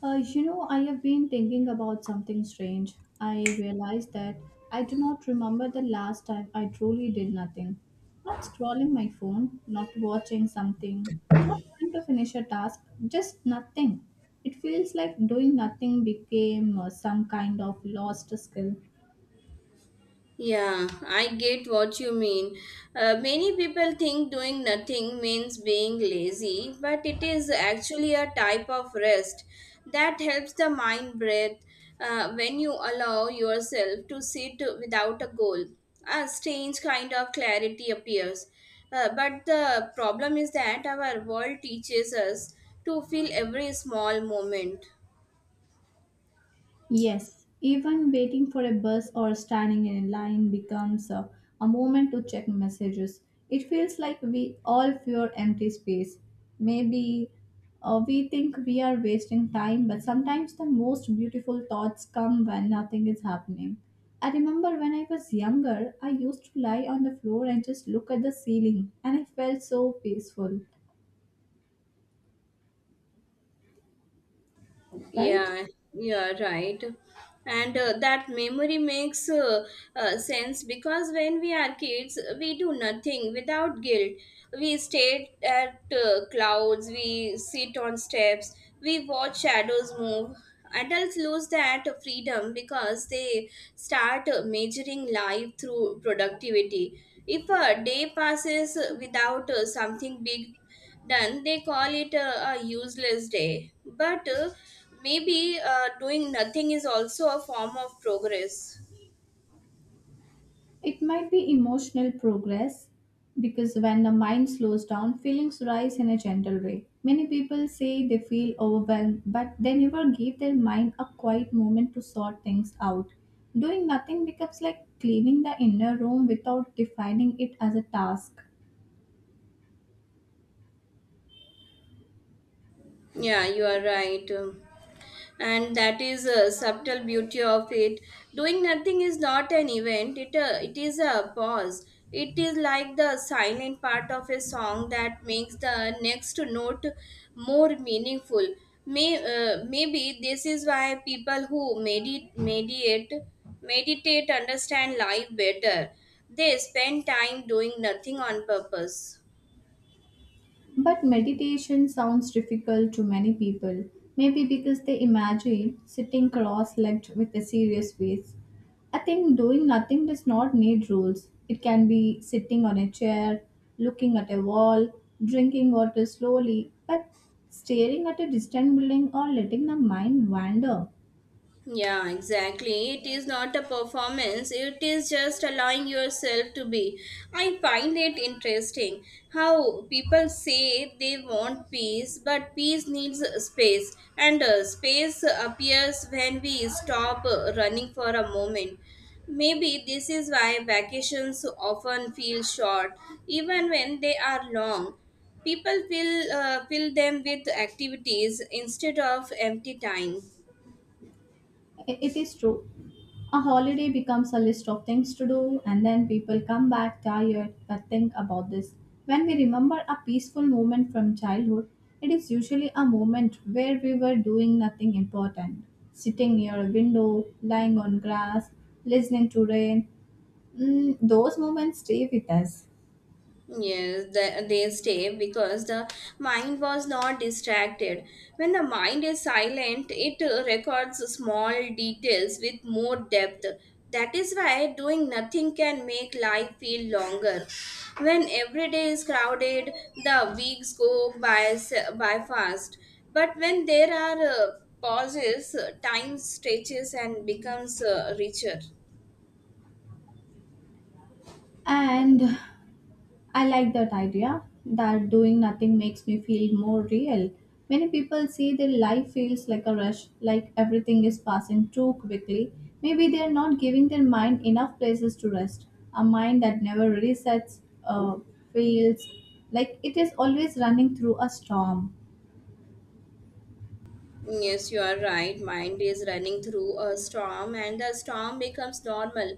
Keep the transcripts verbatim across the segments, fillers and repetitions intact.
Uh, you know, I have been thinking about something strange. I realized that I do not remember the last time I truly did nothing. Not scrolling my phone, not watching something, not trying to finish a task, just nothing. It feels like doing nothing became uh, some kind of lost skill. Yeah, I get what you mean. Uh, many people think doing nothing means being lazy, but it is actually a type of rest that helps the mind breathe uh, when you allow yourself to sit without a goal. A strange kind of clarity appears. Uh, but the problem is that our world teaches us to feel every small moment. Yes, even waiting for a bus or standing in a line becomes a, a moment to check messages. It feels like we all fear empty space. Maybe uh, we think we are wasting time, but sometimes the most beautiful thoughts come when nothing is happening. I remember when I was younger, I used to lie on the floor and just look at the ceiling, and I felt so peaceful, right? Yeah, yeah, right. And uh, that memory makes uh, uh, sense because when we are kids, we do nothing without guilt. We stare at uh, clouds, we sit on steps, we watch shadows move. Adults lose that freedom because they start uh, measuring life through productivity. If a day passes without uh, something big done, they call it a, a useless day, but uh, maybe uh, doing nothing is also a form of progress. It might be emotional progress because when the mind slows down, feelings rise in a gentle way. Many people say they feel overwhelmed, but they never give their mind a quiet moment to sort things out. Doing nothing becomes like cleaning the inner room without defining it as a task. Yeah, you are right. Um, and that is a subtle beauty of it. Doing nothing is not an event, it uh, it is a pause. It is like the silent part of a song that makes the next note more meaningful. May, uh, maybe this is why people who medi- meditate meditate understand life better. They spend time doing nothing on purpose. But meditation sounds difficult to many people, maybe because they imagine sitting cross legged with a serious face. I think doing nothing does not need rules. It can be sitting on a chair, looking at a wall, drinking water slowly, but staring at a distant building or letting the mind wander. Yeah, exactly. It is not a performance, it is just allowing yourself to be. I find it interesting how people say they want peace, but peace needs space, and uh, space appears when we stop uh, running for a moment. Maybe this is why vacations often feel short, even when they are long. People will uh, fill them with activities instead of empty time. I- It is true. A holiday becomes a list of things to do, and then people come back tired. But think about this when we remember a peaceful moment from childhood, it is usually a moment where we were doing nothing important sitting near a window, lying on grass, listening to rain. Mm, those moments stay with us. Yes, the, they stay because the mind was not distracted. When the mind is silent, it uh, records small details with more depth. That is why doing nothing can make life feel longer. When every day is crowded, the weeks go by s- by fast. But when there are uh, pauses, uh, time stretches and becomes uh, richer. And I like that idea that doing nothing makes me feel more real. Many people say their life feels like a rush, like everything is passing too quickly. Maybe they are not giving their mind enough places to rest. A mind that never resets uh, feels like it is always running through a storm. Yes, you are right. Mind is running through a storm, and the storm becomes normal.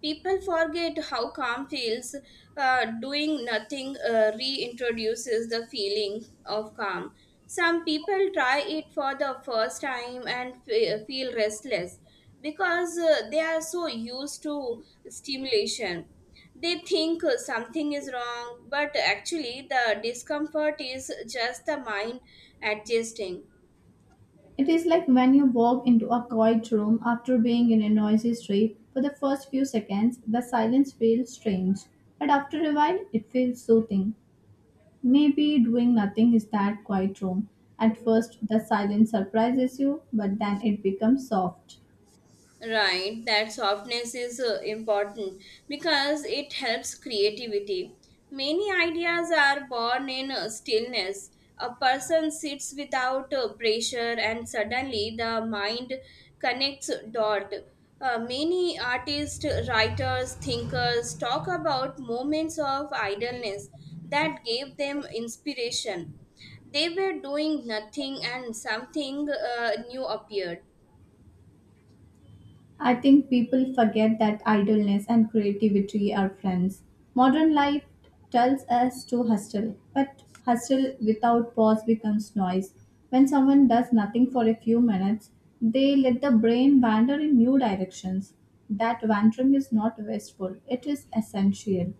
People forget how calm feels. Uh, doing nothing uh, reintroduces the feeling of calm. Some people try it for the first time and fe- feel restless because uh, they are so used to stimulation. They think uh, something is wrong, but actually, the discomfort is just the mind adjusting. It is like when you walk into a quiet room after being in a noisy street. For the first few seconds, the silence feels strange, but after a while, it feels soothing. Maybe doing nothing is that quiet room. At first, the silence surprises you, but then it becomes soft. Right, that softness is uh, important because it helps creativity. Many ideas are born in uh, stillness. A person sits without uh, pressure, and suddenly the mind connects dot. Uh, many artists, writers, thinkers talk about moments of idleness that gave them inspiration. They were doing nothing, and something uh, new appeared. I think people forget that idleness and creativity are friends. Modern life tells us to hustle, but hustle without pause becomes noise. When someone does nothing for a few minutes, they let the brain wander in new directions. That wandering is not wasteful, it is essential.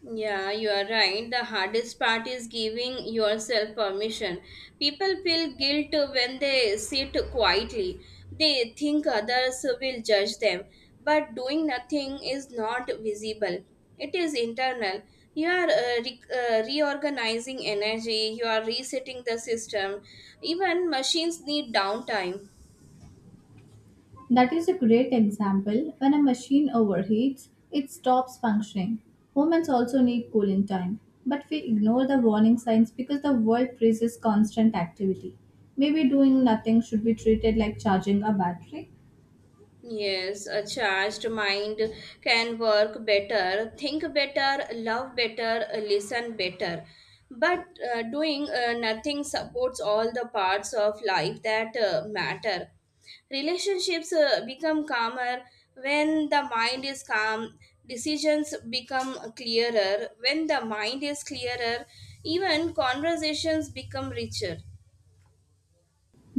Yeah, you are right. The hardest part is giving yourself permission. People feel guilt when they sit quietly. They think others will judge them, but doing nothing is not visible. It is internal. You are uh, re- uh, reorganizing energy, you are resetting the system. Even machines need downtime. That is a great example. When a machine overheats, it stops functioning. Humans also need cooling time, but we ignore the warning signs because the world praises constant activity. Maybe doing nothing should be treated like charging a battery. Yes, a charged mind can work better, think better, love better, listen better. But uh, doing uh, nothing supports all the parts of life that uh, matter. Relationships uh, become calmer when the mind is calm, decisions become clearer. When the mind is clearer, even conversations become richer.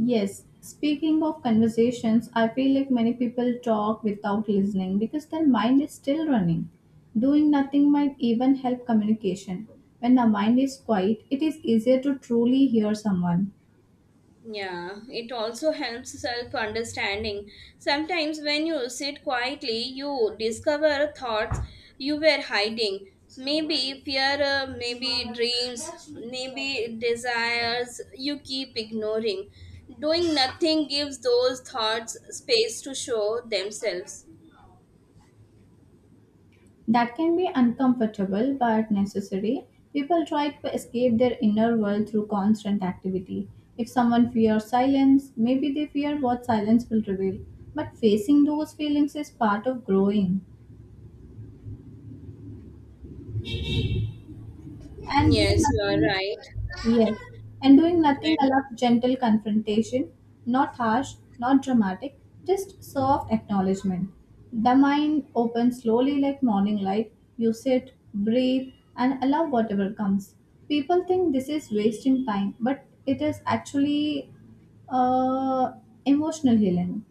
Yes, speaking of conversations, I feel like many people talk without listening because their mind is still running. Doing nothing might even help communication. When the mind is quiet, it is easier to truly hear someone. Yeah, it also helps self understanding. Sometimes, when you sit quietly, you discover thoughts you were hiding. Maybe fear, uh, maybe dreams, maybe desires you keep ignoring. Doing nothing gives those thoughts space to show themselves. That can be uncomfortable but necessary. People try to escape their inner world through constant activity. If someone fears silence, maybe they fear what silence will reveal. But facing those feelings is part of growing. And doing Yes, you nothing. are Yes, and doing nothing right. allows gentle confrontation, not harsh, not dramatic, just soft acknowledgement. The mind opens slowly like morning light. You sit, breathe, and allow whatever comes. People think this is wasting time, but it is actually uh, emotional healing.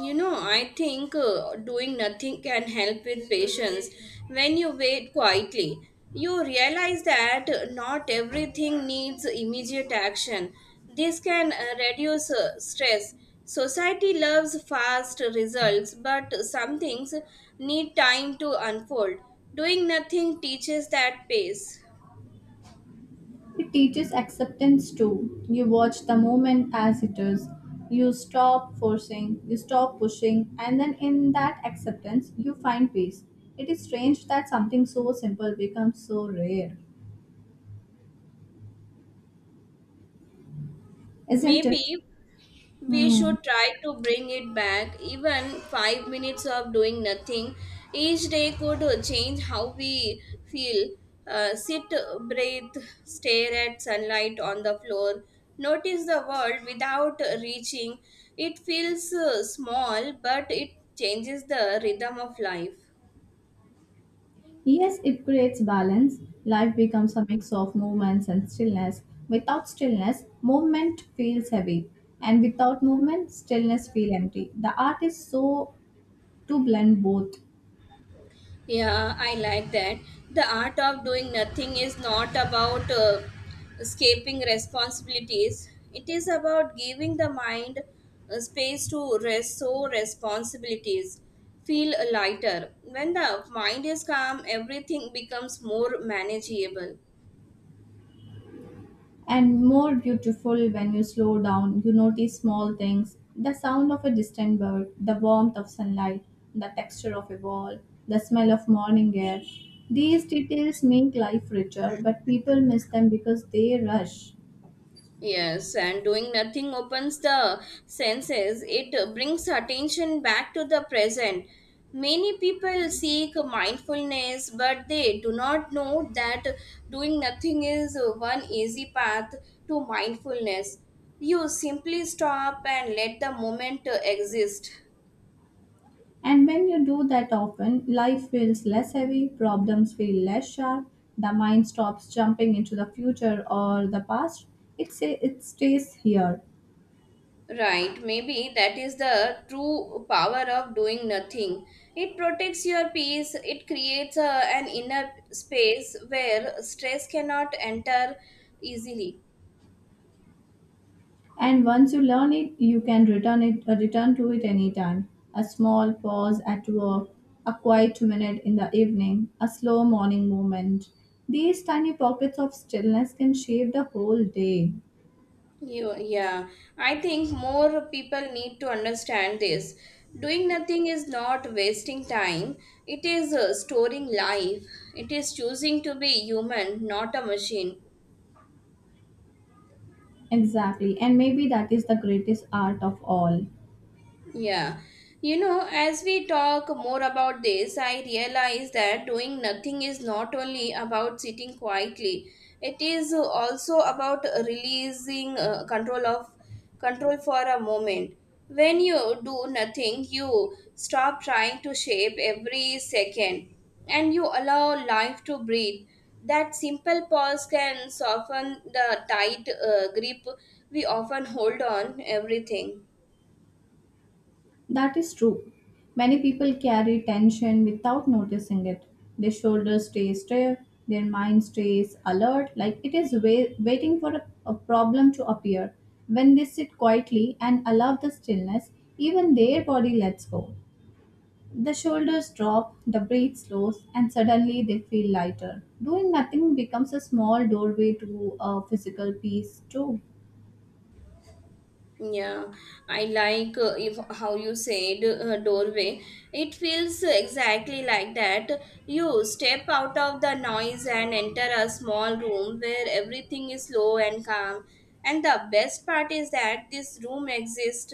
You know, I think uh, doing nothing can help with patience. When you wait quietly, you realize that not everything needs immediate action. This can uh, reduce uh, stress. Society loves fast results, but some things need time to unfold. Doing nothing teaches that pace. It teaches acceptance too. You watch the moment as it is. You stop forcing, you stop pushing, and then in that acceptance, you find peace. It is strange that something so simple becomes so rare, isn't it? Maybe we Hmm. should try to bring it back. Even five minutes of doing nothing each day could uh, change how we feel. Uh, sit, breathe, stare at sunlight on the floor, notice the world without reaching. It feels uh, small, but it changes the rhythm of life. Yes, it creates balance. Life becomes a mix of movements and stillness. Without stillness, movement feels heavy, and without movement, stillness feels empty. The art is so to blend both. Yeah, I like that. The art of doing nothing is not about uh, escaping responsibilities, it is about giving the mind uh, space to rest so responsibilities feel lighter. When the mind is calm, everything becomes more manageable. And more beautiful when you slow down. You notice small things the sound of a distant bird, the warmth of sunlight, the texture of a wall, the smell of morning air. These details make life richer, but people miss them because they rush. Yes, and doing nothing opens the senses. It uh, brings attention back to the present. Many people seek mindfulness, but they do not know that doing nothing is uh, one easy path to mindfulness. You simply stop and let the moment uh, exist. And when you do that often, life feels less heavy, problems feel less sharp, the mind stops jumping into the future or the past. It, say, it stays here. Right, maybe that is the true power of doing nothing. It protects your peace, it creates a, an inner space where stress cannot enter easily. And once you learn it, you can return it uh, return to it anytime. A small pause at work, a quiet minute in the evening, a slow morning movement. These tiny pockets of stillness can shape the whole day. You, yeah, I think more people need to understand this. Doing nothing is not wasting time, it is uh, storing life, it is choosing to be human, not a machine. Exactly. And maybe that is the greatest art of all. Yeah. You know, as we talk more about this, I realize that doing nothing is not only about sitting quietly. It is also about releasing uh, control of control for a moment. When you do nothing, you stop trying to shape every second and you allow life to breathe. That simple pause can soften the tight uh, grip we often hold on everything. That is true. Many people carry tension without noticing it. Their shoulders stay stiff, their mind stays alert, like it is wai- waiting for a, a problem to appear. When they sit quietly and allow the stillness, even their body lets go. The shoulders drop, the breath slows, and suddenly they feel lighter. Doing nothing becomes a small doorway to a physical peace, too. Yeah, I like uh, if how you said uh, doorway. It feels exactly like that. You step out of the noise and enter a small room where everything is slow and calm. And the best part is that this room exists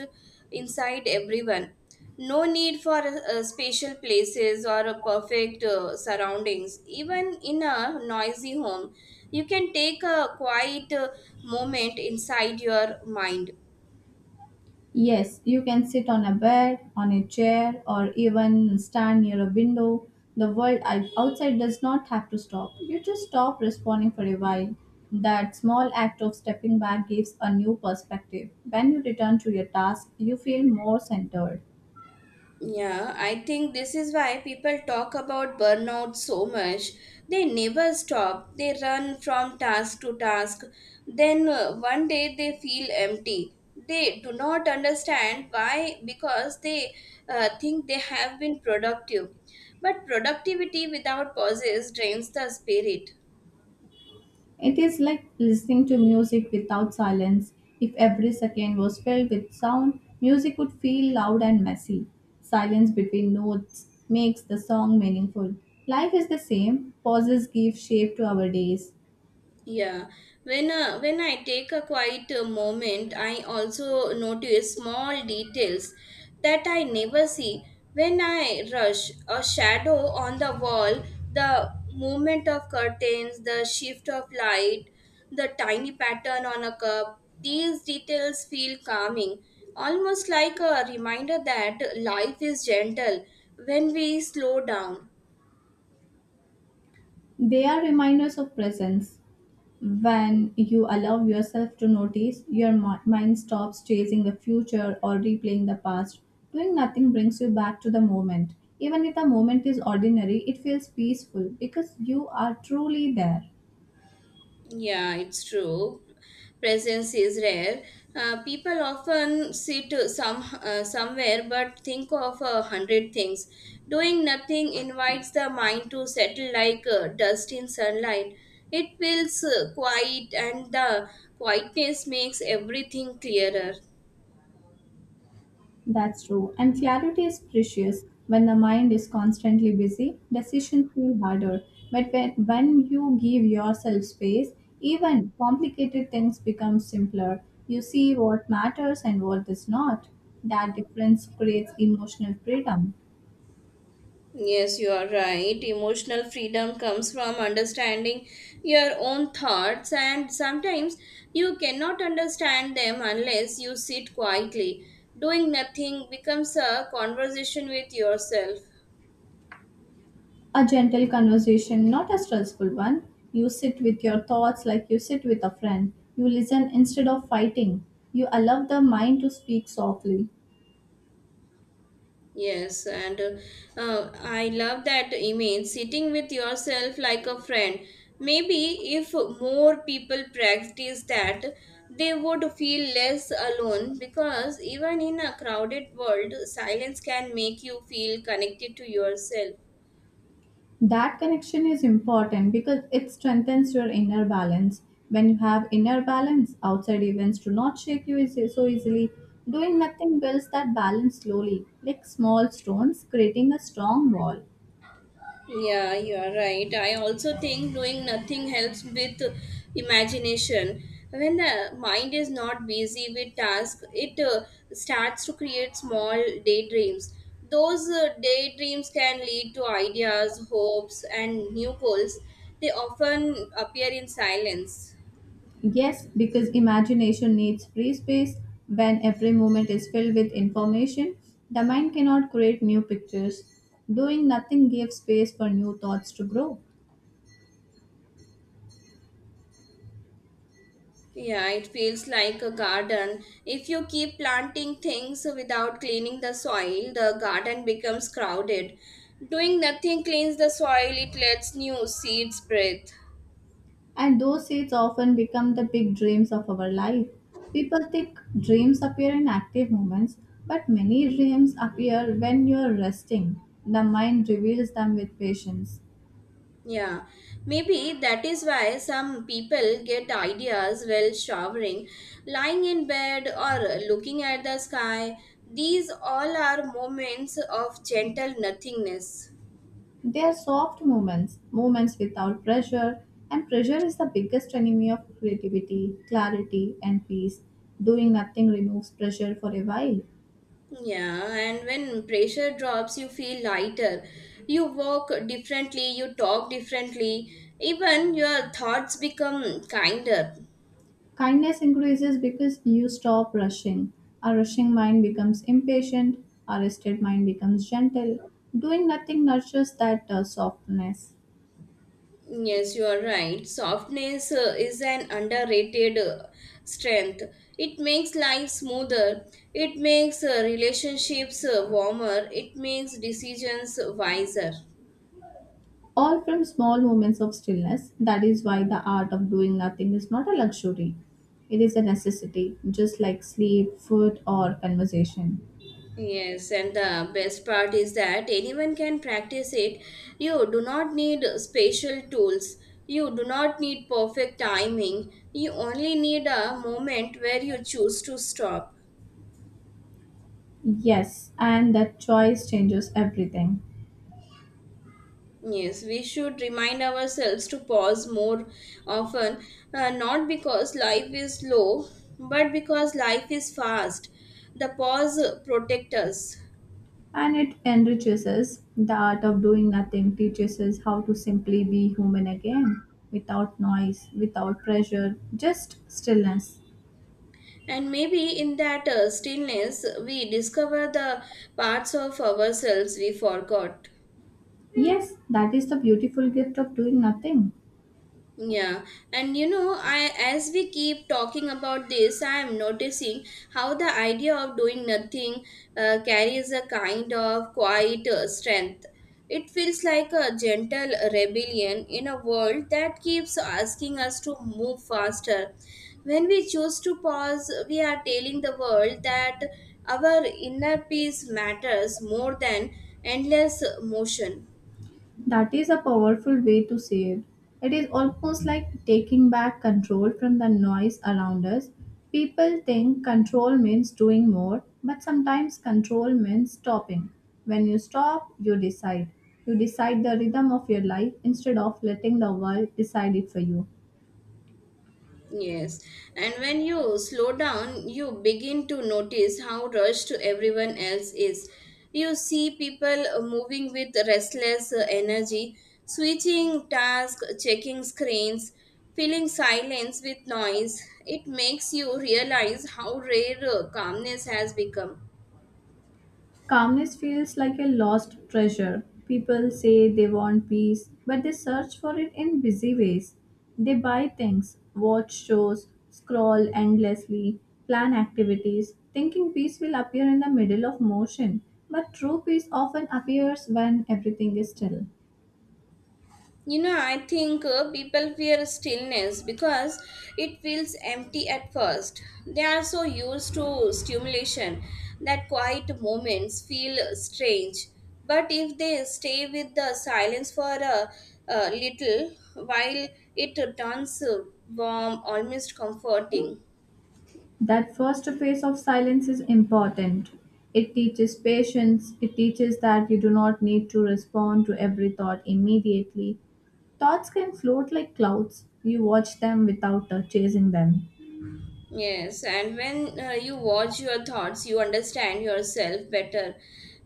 inside everyone. No need for uh, spatial places or a perfect uh, surroundings. Even in a noisy home, you can take a quiet uh, moment inside your mind. Yes, you can sit on a bed, on a chair, or even stand near a window. The world out- outside does not have to stop. You just stop responding for a while. That small act of stepping back gives a new perspective. When you return to your task, you feel more centered. Yeah, I think this is why people talk about burnout so much. They never stop. They run from task to task. Then uh, one day they feel empty. They do not understand why because they uh, think they have been productive. But productivity without pauses drains the spirit. It is like listening to music without silence. If every second was filled with sound, music would feel loud and messy. Silence between notes makes the song meaningful. Life is the same. Pauses give shape to our days. Yeah, when uh, when I take a quiet uh, moment, I also notice small details that I never see. When I rush, a shadow on the wall, the movement of curtains, the shift of light, the tiny pattern on a cup, these details feel calming, almost like a reminder that life is gentle when we slow down. They are reminders of presence. When you allow yourself to notice, your mi- mind stops chasing the future or replaying the past. Doing nothing brings you back to the moment. Even if the moment is ordinary, it feels peaceful because you are truly there. Yeah, it's true. Presence is rare. Uh, people often sit some uh, somewhere but think of a hundred things. Doing nothing invites the mind to settle like uh, dust in sunlight. It feels uh, quiet, and the quietness makes everything clearer. That's true. And clarity is precious. When the mind is constantly busy, decisions feel harder. But when, when you give yourself space, even complicated things become simpler. You see what matters and what does not. That difference creates emotional freedom. Yes, you are right. Emotional freedom comes from understanding your own thoughts, and sometimes you cannot understand them unless you sit quietly. Doing nothing becomes a conversation with yourself. A gentle conversation, not a stressful one. You sit with your thoughts like you sit with a friend. You listen instead of fighting. You allow the mind to speak softly. Yes, and uh, uh, I love that image sitting with yourself like a friend. Maybe if more people practice that, they would feel less alone because even in a crowded world, silence can make you feel connected to yourself. That connection is important because it strengthens your inner balance. When you have inner balance, outside events do not shake you easy, so easily. Doing nothing builds that balance slowly, like small stones creating a strong wall. Yeah, you are right. I also think doing nothing helps with imagination. When the mind is not busy with tasks, it uh, starts to create small daydreams. Those uh, daydreams can lead to ideas, hopes, and new goals. They often appear in silence. Yes, because imagination needs free space. When every moment is filled with information, the mind cannot create new pictures. Doing nothing gives space for new thoughts to grow. Yeah, it feels like a garden. If you keep planting things without cleaning the soil, the garden becomes crowded. Doing nothing cleans the soil, it lets new seeds breathe. And those seeds often become the big dreams of our life. People think dreams appear in active moments, but many dreams appear when you are resting. The mind reveals them with patience. Yeah, maybe that is why some people get ideas while showering, lying in bed, or looking at the sky. These all are moments of gentle nothingness. They are soft moments, moments without pressure, and pressure is the biggest enemy of creativity, clarity, and peace. Doing nothing removes pressure for a while. Yeah, and when pressure drops, you feel lighter. You walk differently, you talk differently, even your thoughts become kinder. Kindness increases because you stop rushing. A rushing mind becomes impatient, a rested mind becomes gentle. Doing nothing nurtures that uh, softness. Yes, you are right. Softness uh, is an underrated uh, strength. It makes life smoother, it makes uh, relationships uh, warmer, it makes decisions wiser. All from small moments of stillness. That is why the art of doing nothing is not a luxury. It is a necessity, just like sleep, food, or conversation. Yes, and the best part is that anyone can practice it. You do not need special tools. You do not need perfect timing. You only need a moment where you choose to stop. Yes, and that choice changes everything. Yes, we should remind ourselves to pause more often, uh, not because life is slow, but because life is fast. The pause protects us. And it enriches us. The art of doing nothing teaches us how to simply be human again, without noise, without pressure, just stillness. And maybe in that uh, stillness, we discover the parts of ourselves we forgot. Yes, that is the beautiful gift of doing nothing. Yeah, and you know, I as we keep talking about this, I am noticing how the idea of doing nothing uh, carries a kind of quiet uh, strength. It feels like a gentle rebellion in a world that keeps asking us to move faster. When we choose to pause, we are telling the world that our inner peace matters more than endless motion. That is a powerful way to say it. It is almost like taking back control from the noise around us. People think control means doing more, but sometimes control means stopping. When you stop, you decide. You decide the rhythm of your life instead of letting the world decide it for you. Yes, and when you slow down, you begin to notice how rushed everyone else is. You see people uh, moving with restless uh, energy, switching tasks, checking screens, filling silence with noise. It makes you realize how rare uh, calmness has become. Calmness feels like a lost treasure. People say they want peace, but they search for it in busy ways. They buy things, watch shows, scroll endlessly, plan activities, thinking peace will appear in the middle of motion. But true peace often appears when everything is still. You know, I think uh, people fear stillness because it feels empty at first. They are so used to stimulation that quiet moments feel strange. But if they stay with the silence for a, a little while, it turns uh, warm, almost comforting. That first phase of silence is important. It teaches patience, it teaches that you do not need to respond to every thought immediately. Thoughts can float like clouds. You watch them without uh, chasing them. Yes, and when uh, you watch your thoughts, you understand yourself better.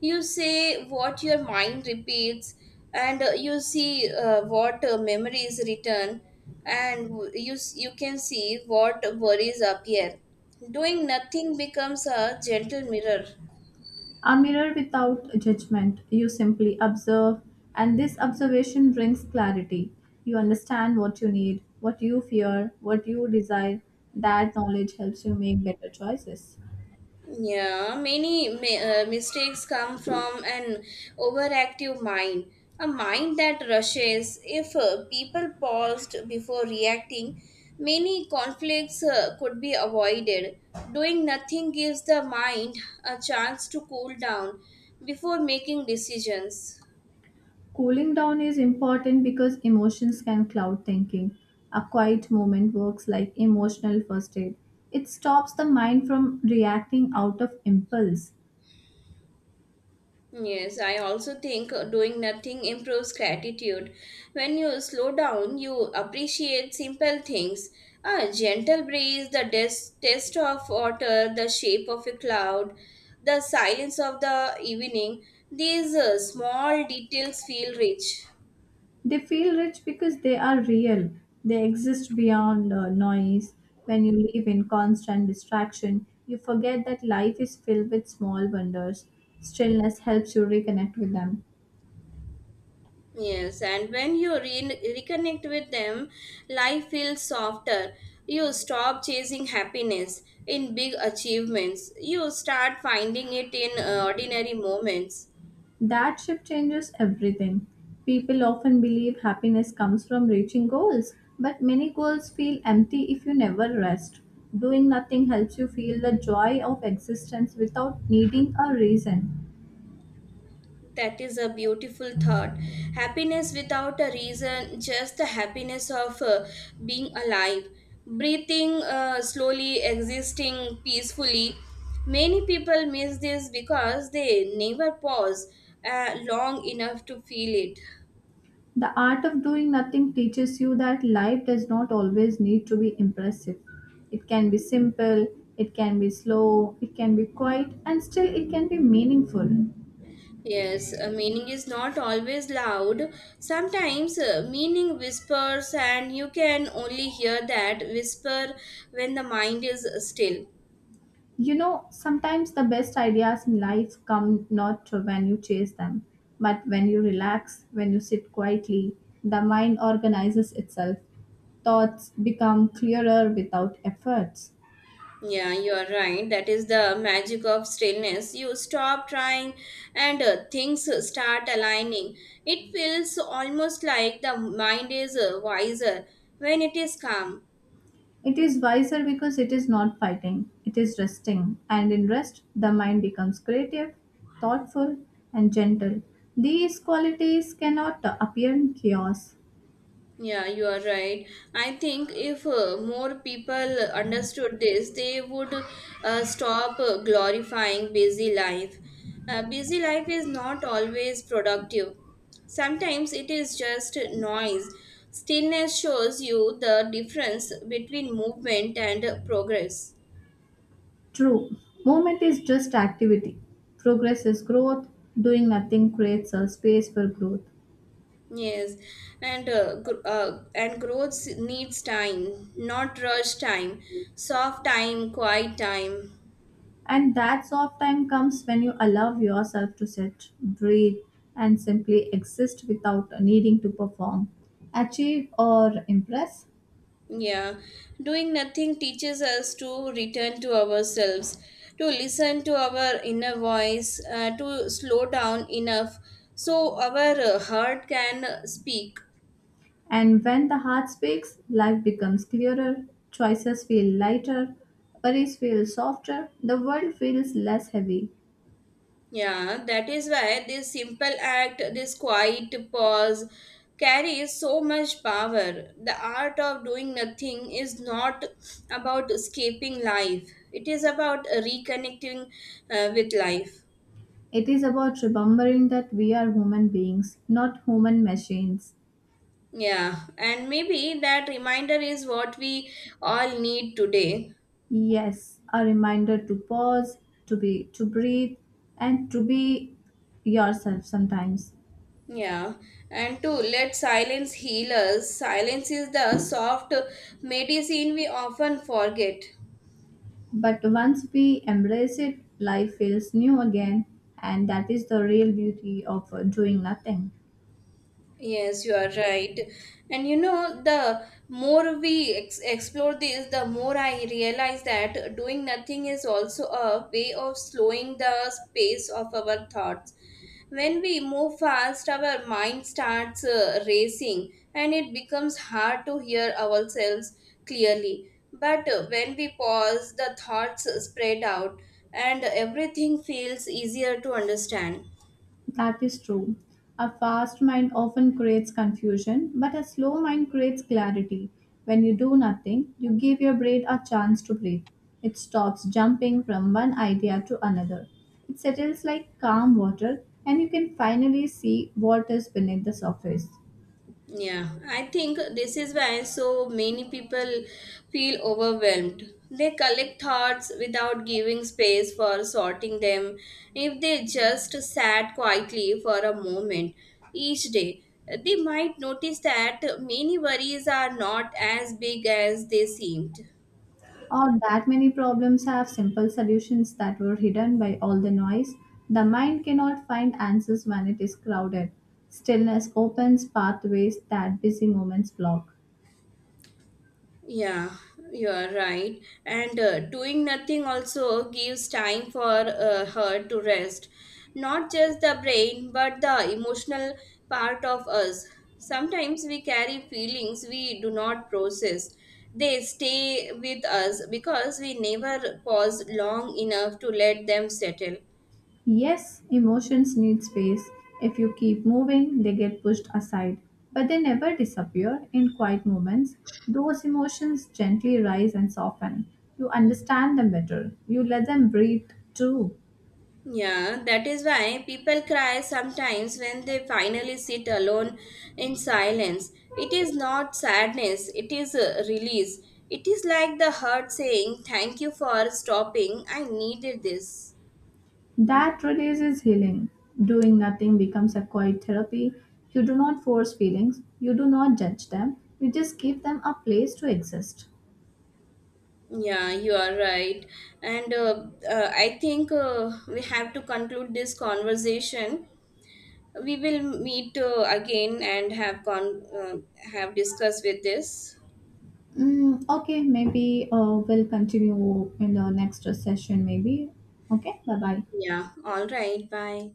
You say what your mind repeats, and uh, you see uh, what uh, memories return, and w- you s- you can see what worries appear. Doing nothing becomes a gentle mirror. A mirror without judgment. You simply observe, and this observation brings clarity. You understand what you need, what you fear, what you desire. That knowledge helps you make better choices. Yeah, many mi- uh, mistakes come from an overactive mind, a mind that rushes. If uh, people paused before reacting, many conflicts uh, could be avoided. Doing nothing gives the mind a chance to cool down before making decisions. Cooling down is important because emotions can cloud thinking. A quiet moment works like emotional first aid. It stops the mind from reacting out of impulse. Yes, I also think uh, doing nothing improves gratitude. When you slow down, you appreciate simple things. A gentle breeze, the des- taste of water, the shape of a cloud, the silence of the evening. These uh, small details feel rich. They feel rich because they are real. They exist beyond uh, noise. When you live in constant distraction, you forget that life is filled with small wonders. Stillness helps you reconnect with them. Yes, and when you re- reconnect with them, life feels softer. You stop chasing happiness in big achievements. You start finding it in uh, ordinary moments. That shift changes everything. People often believe happiness comes from reaching goals, but many goals feel empty if you never rest. Doing nothing helps you feel the joy of existence without needing a reason. That is a beautiful thought. Happiness without a reason, just the happiness of uh, being alive, breathing uh, slowly, existing peacefully. Many people miss this because they never pause uh, long enough to feel it. The art of doing nothing teaches you that life does not always need to be impressive. It can be simple, it can be slow, it can be quiet, and still it can be meaningful. Yes, uh, meaning is not always loud. Sometimes uh, meaning whispers, and you can only hear that whisper when the mind is still. You know, sometimes the best ideas in life come not when you chase them, but when you relax, when you sit quietly, the mind organizes itself. Thoughts become clearer without efforts. Yeah, you are right. That is the magic of stillness. You stop trying, and uh, things start aligning. It feels almost like the mind is uh, wiser when it is calm. It is wiser because it is not fighting, it is resting. And in rest, the mind becomes creative, thoughtful, and gentle. These qualities cannot appear in chaos. Yeah, you are right. I think if uh, more people understood this, they would uh, stop uh, glorifying busy life. Uh, busy life is not always productive. Sometimes it is just noise. Stillness shows you the difference between movement and uh, progress. True, movement is just activity. Progress is growth. Doing nothing creates a space for growth. Yes, and uh, gr- uh, and growth needs time, not rush time, soft time, quiet time. And that soft time comes when you allow yourself to sit, breathe, and simply exist without needing to perform, achieve, or impress. Yeah, doing nothing teaches us to return to ourselves, to listen to our inner voice, uh, to slow down enough so our uh, heart can uh, speak. And when the heart speaks, life becomes clearer, choices feel lighter, worries feel softer, the world feels less heavy. Yeah, that is why this simple act, this quiet pause, carries so much power. The art of doing nothing is not about escaping life, it is about reconnecting uh, with life. It is about remembering that we are human beings, not human machines. Yeah, and maybe that reminder is what we all need today. Yes, a reminder to pause, to be to breathe and to be yourself sometimes. Yeah, and to let silence heal us, silence is the soft medicine we often forget. But once we embrace it, life feels new again and that is the real beauty of uh, doing nothing. Yes, you are right. And you know, the more we ex- explore this, the more I realize that doing nothing is also a way of slowing the pace of our thoughts. When we move fast, our mind starts uh, racing and it becomes hard to hear ourselves clearly. But uh, when we pause, the thoughts spread out and everything feels easier to understand. That is true. A fast mind often creates confusion, but a slow mind creates clarity. When you do nothing, you give your brain a chance to breathe. It stops jumping from one idea to another. It settles like calm water, and you can finally see what is beneath the surface. Yeah, I think this is why so many people feel overwhelmed. They collect thoughts without giving space for sorting them. If they just sat quietly for a moment each day, they might notice that many worries are not as big as they seemed. Or that many problems have simple solutions that were hidden by all the noise. The mind cannot find answers when it is crowded. Stillness opens pathways that busy moments block. Yeah, you are right. And uh, doing nothing also gives time for uh, her to rest. Not just the brain, but the emotional part of us. Sometimes we carry feelings we do not process. They stay with us because we never pause long enough to let them settle. Yes, emotions need space. If you keep moving, they get pushed aside, but they never disappear. In quiet moments, those emotions gently rise and soften. You understand them better. You let them breathe too. Yeah, that is why people cry sometimes when they finally sit alone in silence. It is not sadness, it is a release. It is like the heart saying, "Thank you for stopping, I needed this." That release is healing. Doing nothing becomes a quiet therapy. You do not force feelings, you do not judge them, you just give them a place to exist. Yeah, you are right. And uh, uh, I think uh, we have to conclude this conversation. We will meet uh, again and have con- uh, have discussed with this. Mm, okay, maybe uh, we'll continue in the next session, maybe. Okay, bye bye. Yeah, all right, bye.